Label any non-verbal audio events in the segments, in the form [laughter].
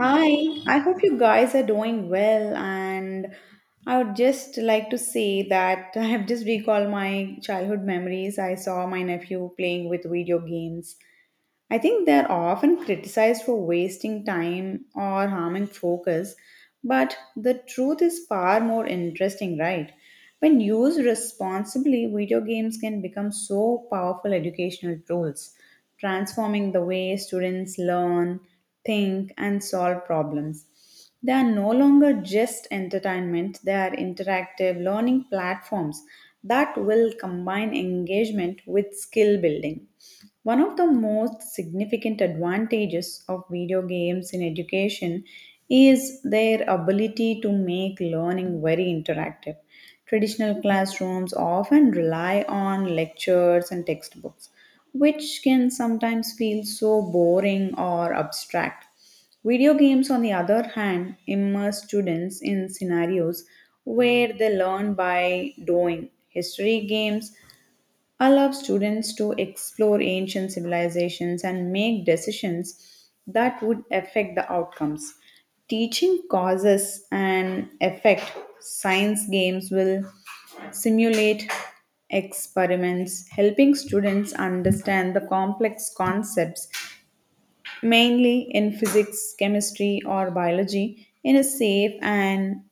Hi, I hope you guys are doing well. And I would just like to say that [laughs] I have just recalled my childhood memories. I saw my nephew playing with video games. I think they're often criticized for wasting time or harming focus, but the truth is far more interesting, right? When used responsibly, video games can become so powerful educational tools, transforming the way students learn, think, and solve problems. They are no longer just entertainment, they are interactive learning platforms that will combine engagement with skill building. One of the most significant advantages of video games in education is their ability to make learning very interactive. Traditional classrooms often rely on lectures and textbooks, which can sometimes feel so boring or abstract. Video games, on the other hand, immerse students in scenarios where they learn by doing. History games allow students to explore ancient civilizations and make decisions that would affect the outcomes. Teaching causes and effect, science games will simulate experiments, helping students understand the complex concepts mainly in physics, chemistry, or biology, in a safe and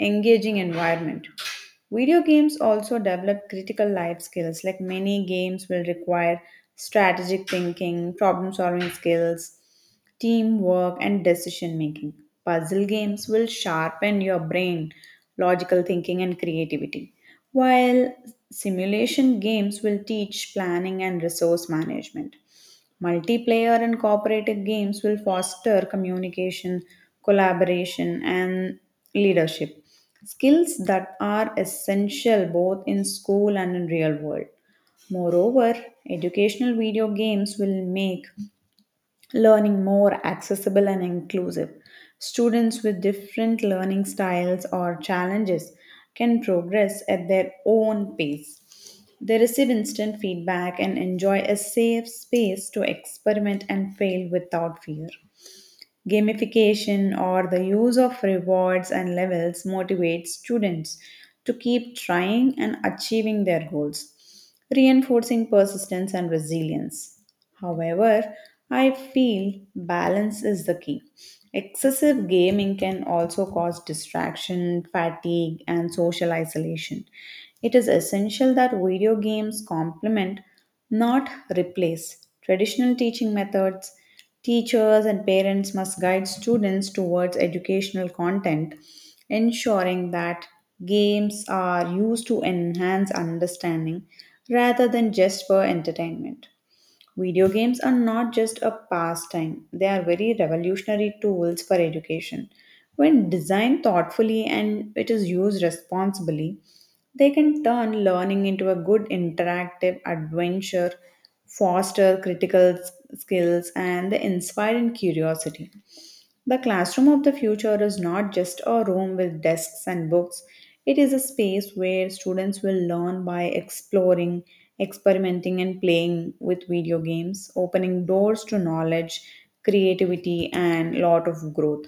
engaging environment. Video games also develop critical life skills, like many games will require strategic thinking, problem solving skills, teamwork, and decision making. Puzzle games will sharpen your brain, logical thinking, and creativity, while simulation games will teach planning and resource management. Multiplayer and cooperative games will foster communication, collaboration, and leadership. Skills that are essential both in school and in real world. Moreover, educational video games will make learning more accessible and inclusive. Students with different learning styles or challenges can progress at their own pace. They receive instant feedback and enjoy a safe space to experiment and fail without fear. Gamification or the use of rewards and levels motivates students to keep trying and achieving their goals, reinforcing persistence and resilience. However, I feel balance is the key. Excessive gaming can also cause distraction, fatigue, and social isolation. It is essential that video games complement, not replace, traditional teaching methods. Teachers and parents must guide students towards educational content, ensuring that games are used to enhance understanding rather than just for entertainment. Video games are not just a pastime, they are very revolutionary tools for education. When designed thoughtfully and it is used responsibly, they can turn learning into a good interactive adventure, foster skills, and they inspire in curiosity. The classroom of the future is not just a room with desks and books. It is a space where students will learn by exploring, experimenting, and playing with video games, opening doors to knowledge, creativity, and lot of growth.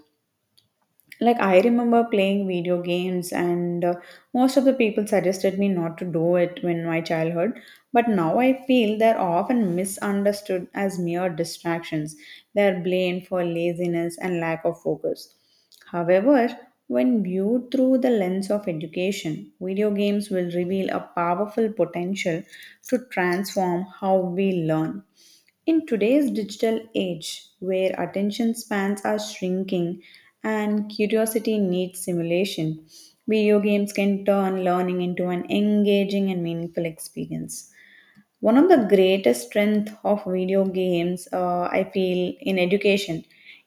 Like I remember playing video games, and most of the people suggested me not to do it when my childhood, but now I feel they're often misunderstood as mere distractions. They're blamed for laziness and lack of focus. However, when viewed through the lens of education, video games will reveal a powerful potential to transform how we learn. In today's digital age, where attention spans are shrinking and curiosity needs stimulation, video games can turn learning into an engaging and meaningful experience. One of the greatest strengths of video games, I feel, in education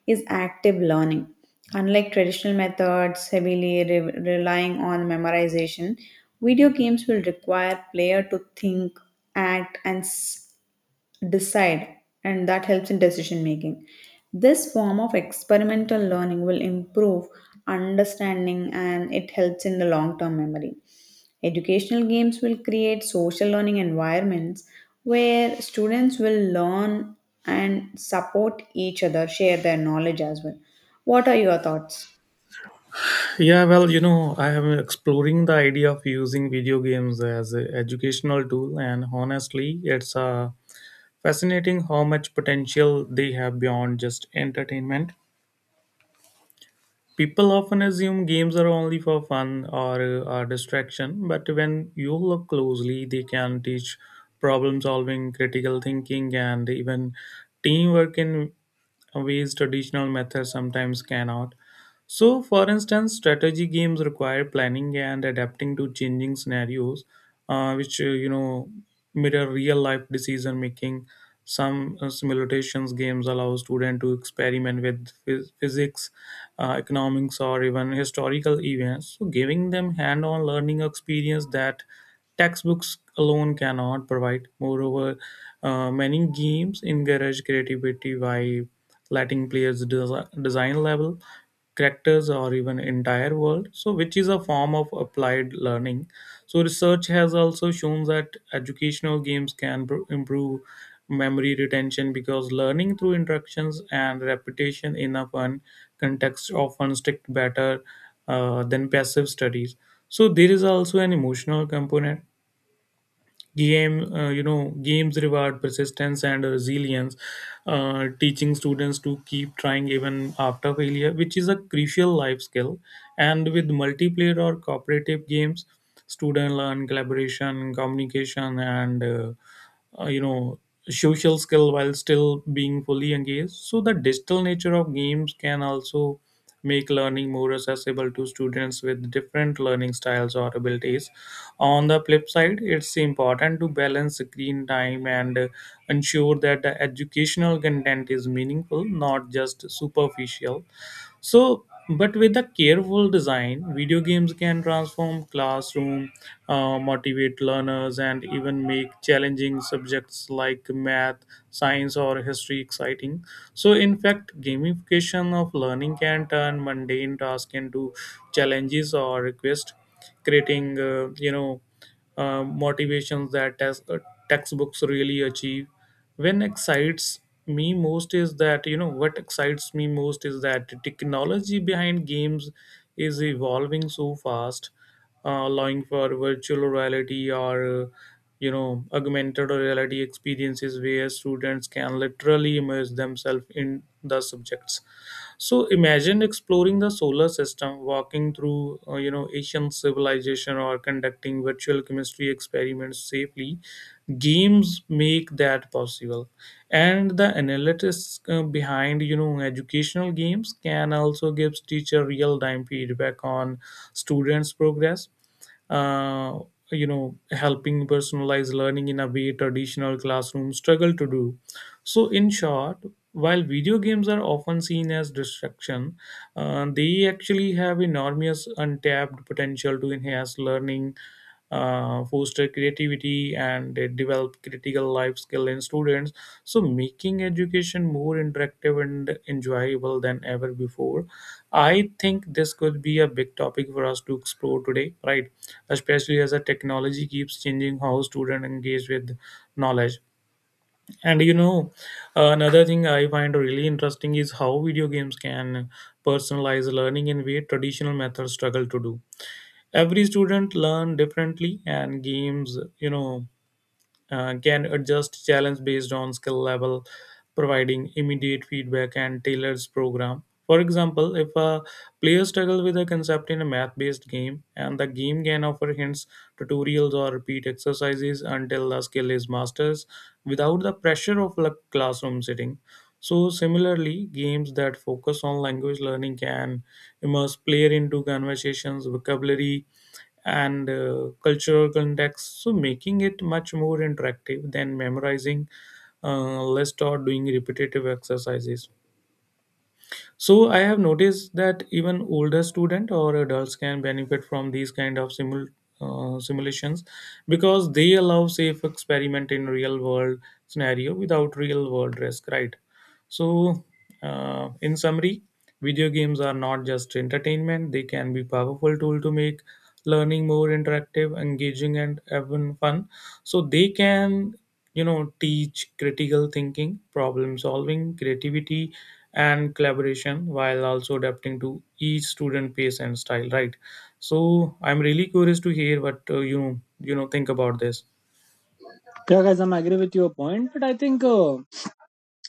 is active learning. Unlike traditional methods heavily relying on memorization, video games will require player to think, act, and decide, and that helps in decision making. This form of experimental learning will improve understanding, and it helps in the long term memory. Educational games will create social learning environments where students will learn and support each other, share their knowledge as well. What are your thoughts? Yeah, well, you know, I am exploring the idea of using video games as an educational tool, and honestly, it's fascinating how much potential they have beyond just entertainment. People often assume games are only for fun or are distraction, but when you look closely, they can teach problem solving, critical thinking, and even teamwork in ways traditional methods sometimes cannot. So, for instance, strategy games require planning and adapting to changing scenarios, which mirror real life decision making. Some simulations games allow students to experiment with physics, economics, or even historical events, so giving them hand-on learning experience that textbooks alone cannot provide. Moreover, many games encourage creativity by letting players design level, characters, or even entire world. Which is a form of applied learning. So, research has also shown that educational games can improve memory retention because learning through interactions and repetition in a fun context often stick better than passive studies. So, there is also an emotional component. Games reward persistence and resilience, teaching students to keep trying even after failure, which is a crucial life skill. And with multiplayer or cooperative games, students learn collaboration, communication, and uh, you know social skill while still being fully engaged. So the digital nature of games can also make learning more accessible to students with different learning styles or abilities. On the flip side, it's important to balance screen time and ensure that the educational content is meaningful, not just superficial. So, but with a careful design, video games can transform classroom, motivate learners, and even make challenging subjects like math, science, or history exciting. So, in fact, gamification of learning can turn mundane tasks into challenges or requests, creating motivations that textbooks really achieve. When excites me most is that you know what excites me most is that the technology behind games is evolving so fast, allowing for virtual reality or augmented reality experiences where students can literally immerse themselves in the subjects. So imagine exploring the solar system, walking through ancient civilization, or conducting virtual chemistry experiments safely. Games make that possible. And the analytics behind educational games can also gives teacher real time feedback on students progress, uh, helping personalized learning in a way traditional classrooms struggle to do. So in short, while video games are often seen as distraction, they actually have enormous untapped potential to enhance learning, foster creativity, and develop critical life skill in students, so making education more interactive and enjoyable than ever before. I think this could be a big topic for us to explore today, right? Especially as the technology keeps changing how students engage with knowledge. And you know, another thing I find really interesting is how video games can personalize learning in way traditional methods struggle to do. Every student learn differently, and games can adjust challenge based on skill level, providing immediate feedback and tailors program. For example, if a player struggles with a concept in a math-based game, and the game can offer hints, tutorials, or repeat exercises until the skill is mastered, without the pressure of a classroom setting. So similarly, games that focus on language learning can immerse player into conversations, vocabulary, and cultural context, so making it much more interactive than memorizing list or doing repetitive exercises. So I have noticed that even older student or adults can benefit from these kind of simulations because they allow safe experiment in real world scenario without real world risk, right? So in summary, video games are not just entertainment, they can be powerful tool to make learning more interactive, engaging, and even fun. So they can, you know, teach critical thinking, problem solving, creativity, and collaboration, while also adapting to each student pace and style, right? So I'm really curious to hear what you you know think about this. Yeah, guys, I'm agree with your point, but I think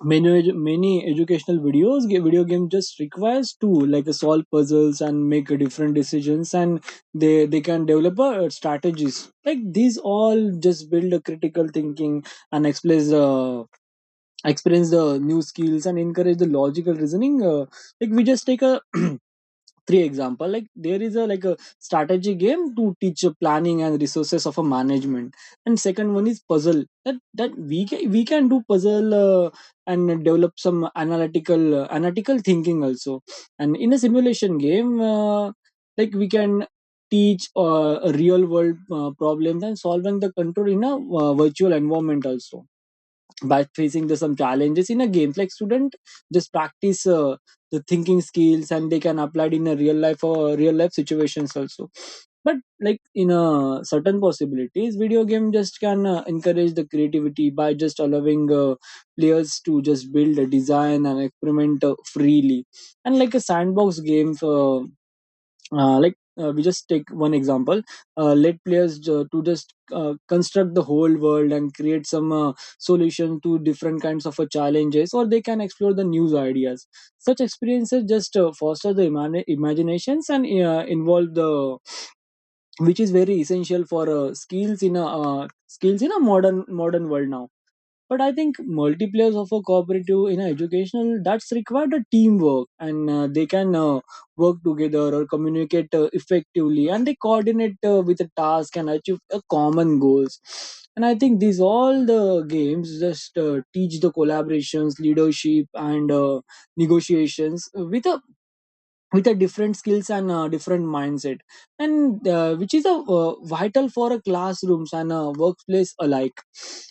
many educational video game just requires to like solve puzzles and make different decisions, and they can develop strategies. Like these all just build a critical thinking and explains experience the new skills and encourage the logical reasoning. Like we just take a [clears throat] three example, like there is a strategy game to teach a planning and resources of a management, and second one is puzzle that we can do puzzle, and develop some analytical analytical thinking also, and in a simulation game, like we can teach real world problems and solving the control in a virtual environment also, by facing the, some challenges in a game, like student just practice the thinking skills and they can apply it in a real life or real life situations also. But like in a certain possibilities, video game just can encourage the creativity by just allowing players to just build a design and experiment freely, and like a sandbox game, like, we just take one example, let players to just construct the whole world and create some solution to different kinds of challenges, or they can explore the new ideas. Such experiences just foster the imaginations and involve the, which is very essential for skills in a modern world now. But I think multiplayers of a cooperative in a educational, that's required a teamwork, and they can work together or communicate effectively, and they coordinate with a task and achieve a common goals. And I think these all the games just teach the collaborations, leadership, and negotiations with a different skills and a different mindset, and which is a vital for a classrooms and a workplace alike.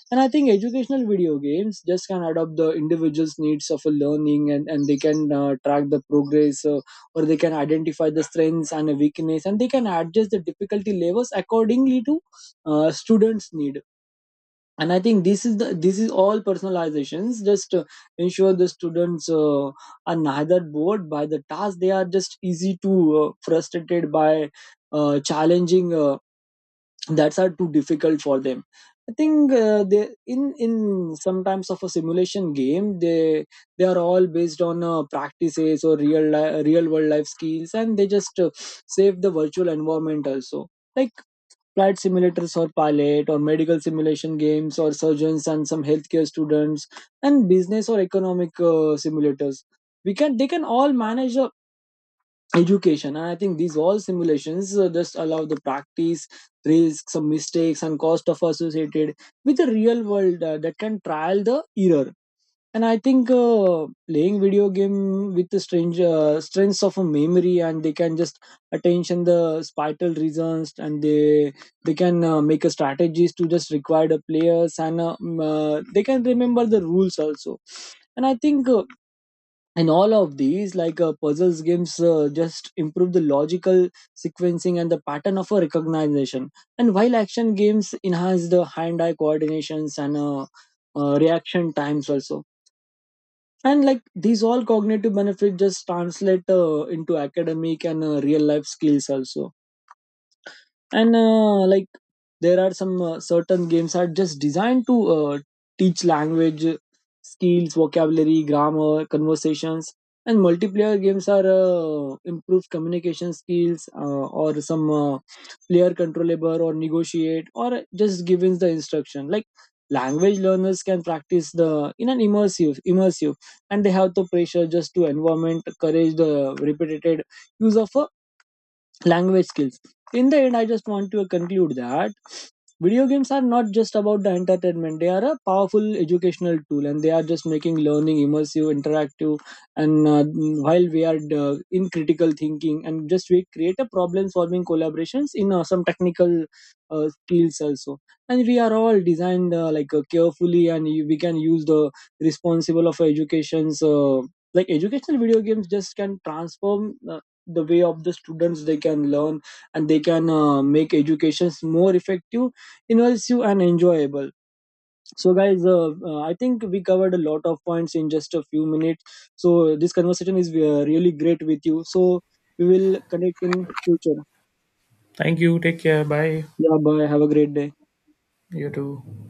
And I think educational video games just can adopt the individual's needs of a learning, and they can track the progress, or they can identify the strengths and a weakness, and they can adjust the difficulty levels accordingly to students need. And I think this is all personalizations just ensure the students are neither bored by the task, they are just easy to, frustrated by challenging that's are too difficult for them. I think they, in sometimes of a simulation game, they are all based on practices or real world life skills, and they just save the virtual environment also, like. Flight simulators or pilot or medical simulation games or surgeons and some healthcare students, and business or economic simulators. We can they can all manage education. And I think these all simulations just allow the practice, risks, some mistakes and cost of associated with the real world, that can trial the error. And I think playing video game with the strange strengths of a memory, and they can just attention the spital reasons, and they can make a strategies to just require the players, and they can remember the rules also. And I think in all of these, like, puzzles games just improve the logical sequencing and the pattern of a recognition, and while action games enhance the hand-eye coordinations and reaction times also. And like these all cognitive benefit just translate into academic and real life skills also. And like there are some certain games are just designed to teach language skills, vocabulary, grammar, conversations. And multiplayer games are improve communication skills, or some player controllable or negotiate or just giving the instruction, like language learners can practice the in an immersive, and they have the pressure just to environment courage the repeated use of a language skills. In the end, I just want to conclude that video games are not just about the entertainment, they are a powerful educational tool, and they are just making learning immersive, interactive, and while we are in critical thinking, and just we create a problem solving collaborations in some technical skills also. And we are all designed, like, carefully, and we can use the responsible of educations, like educational video games just can transform the way of the students they can learn, and they can make educations more effective, immersive and enjoyable. So guys, I think we covered a lot of points in just a few minutes, so this conversation is really great with you, so we will connect in future. Thank you, take care, bye. Yeah, bye, have a great day. You too.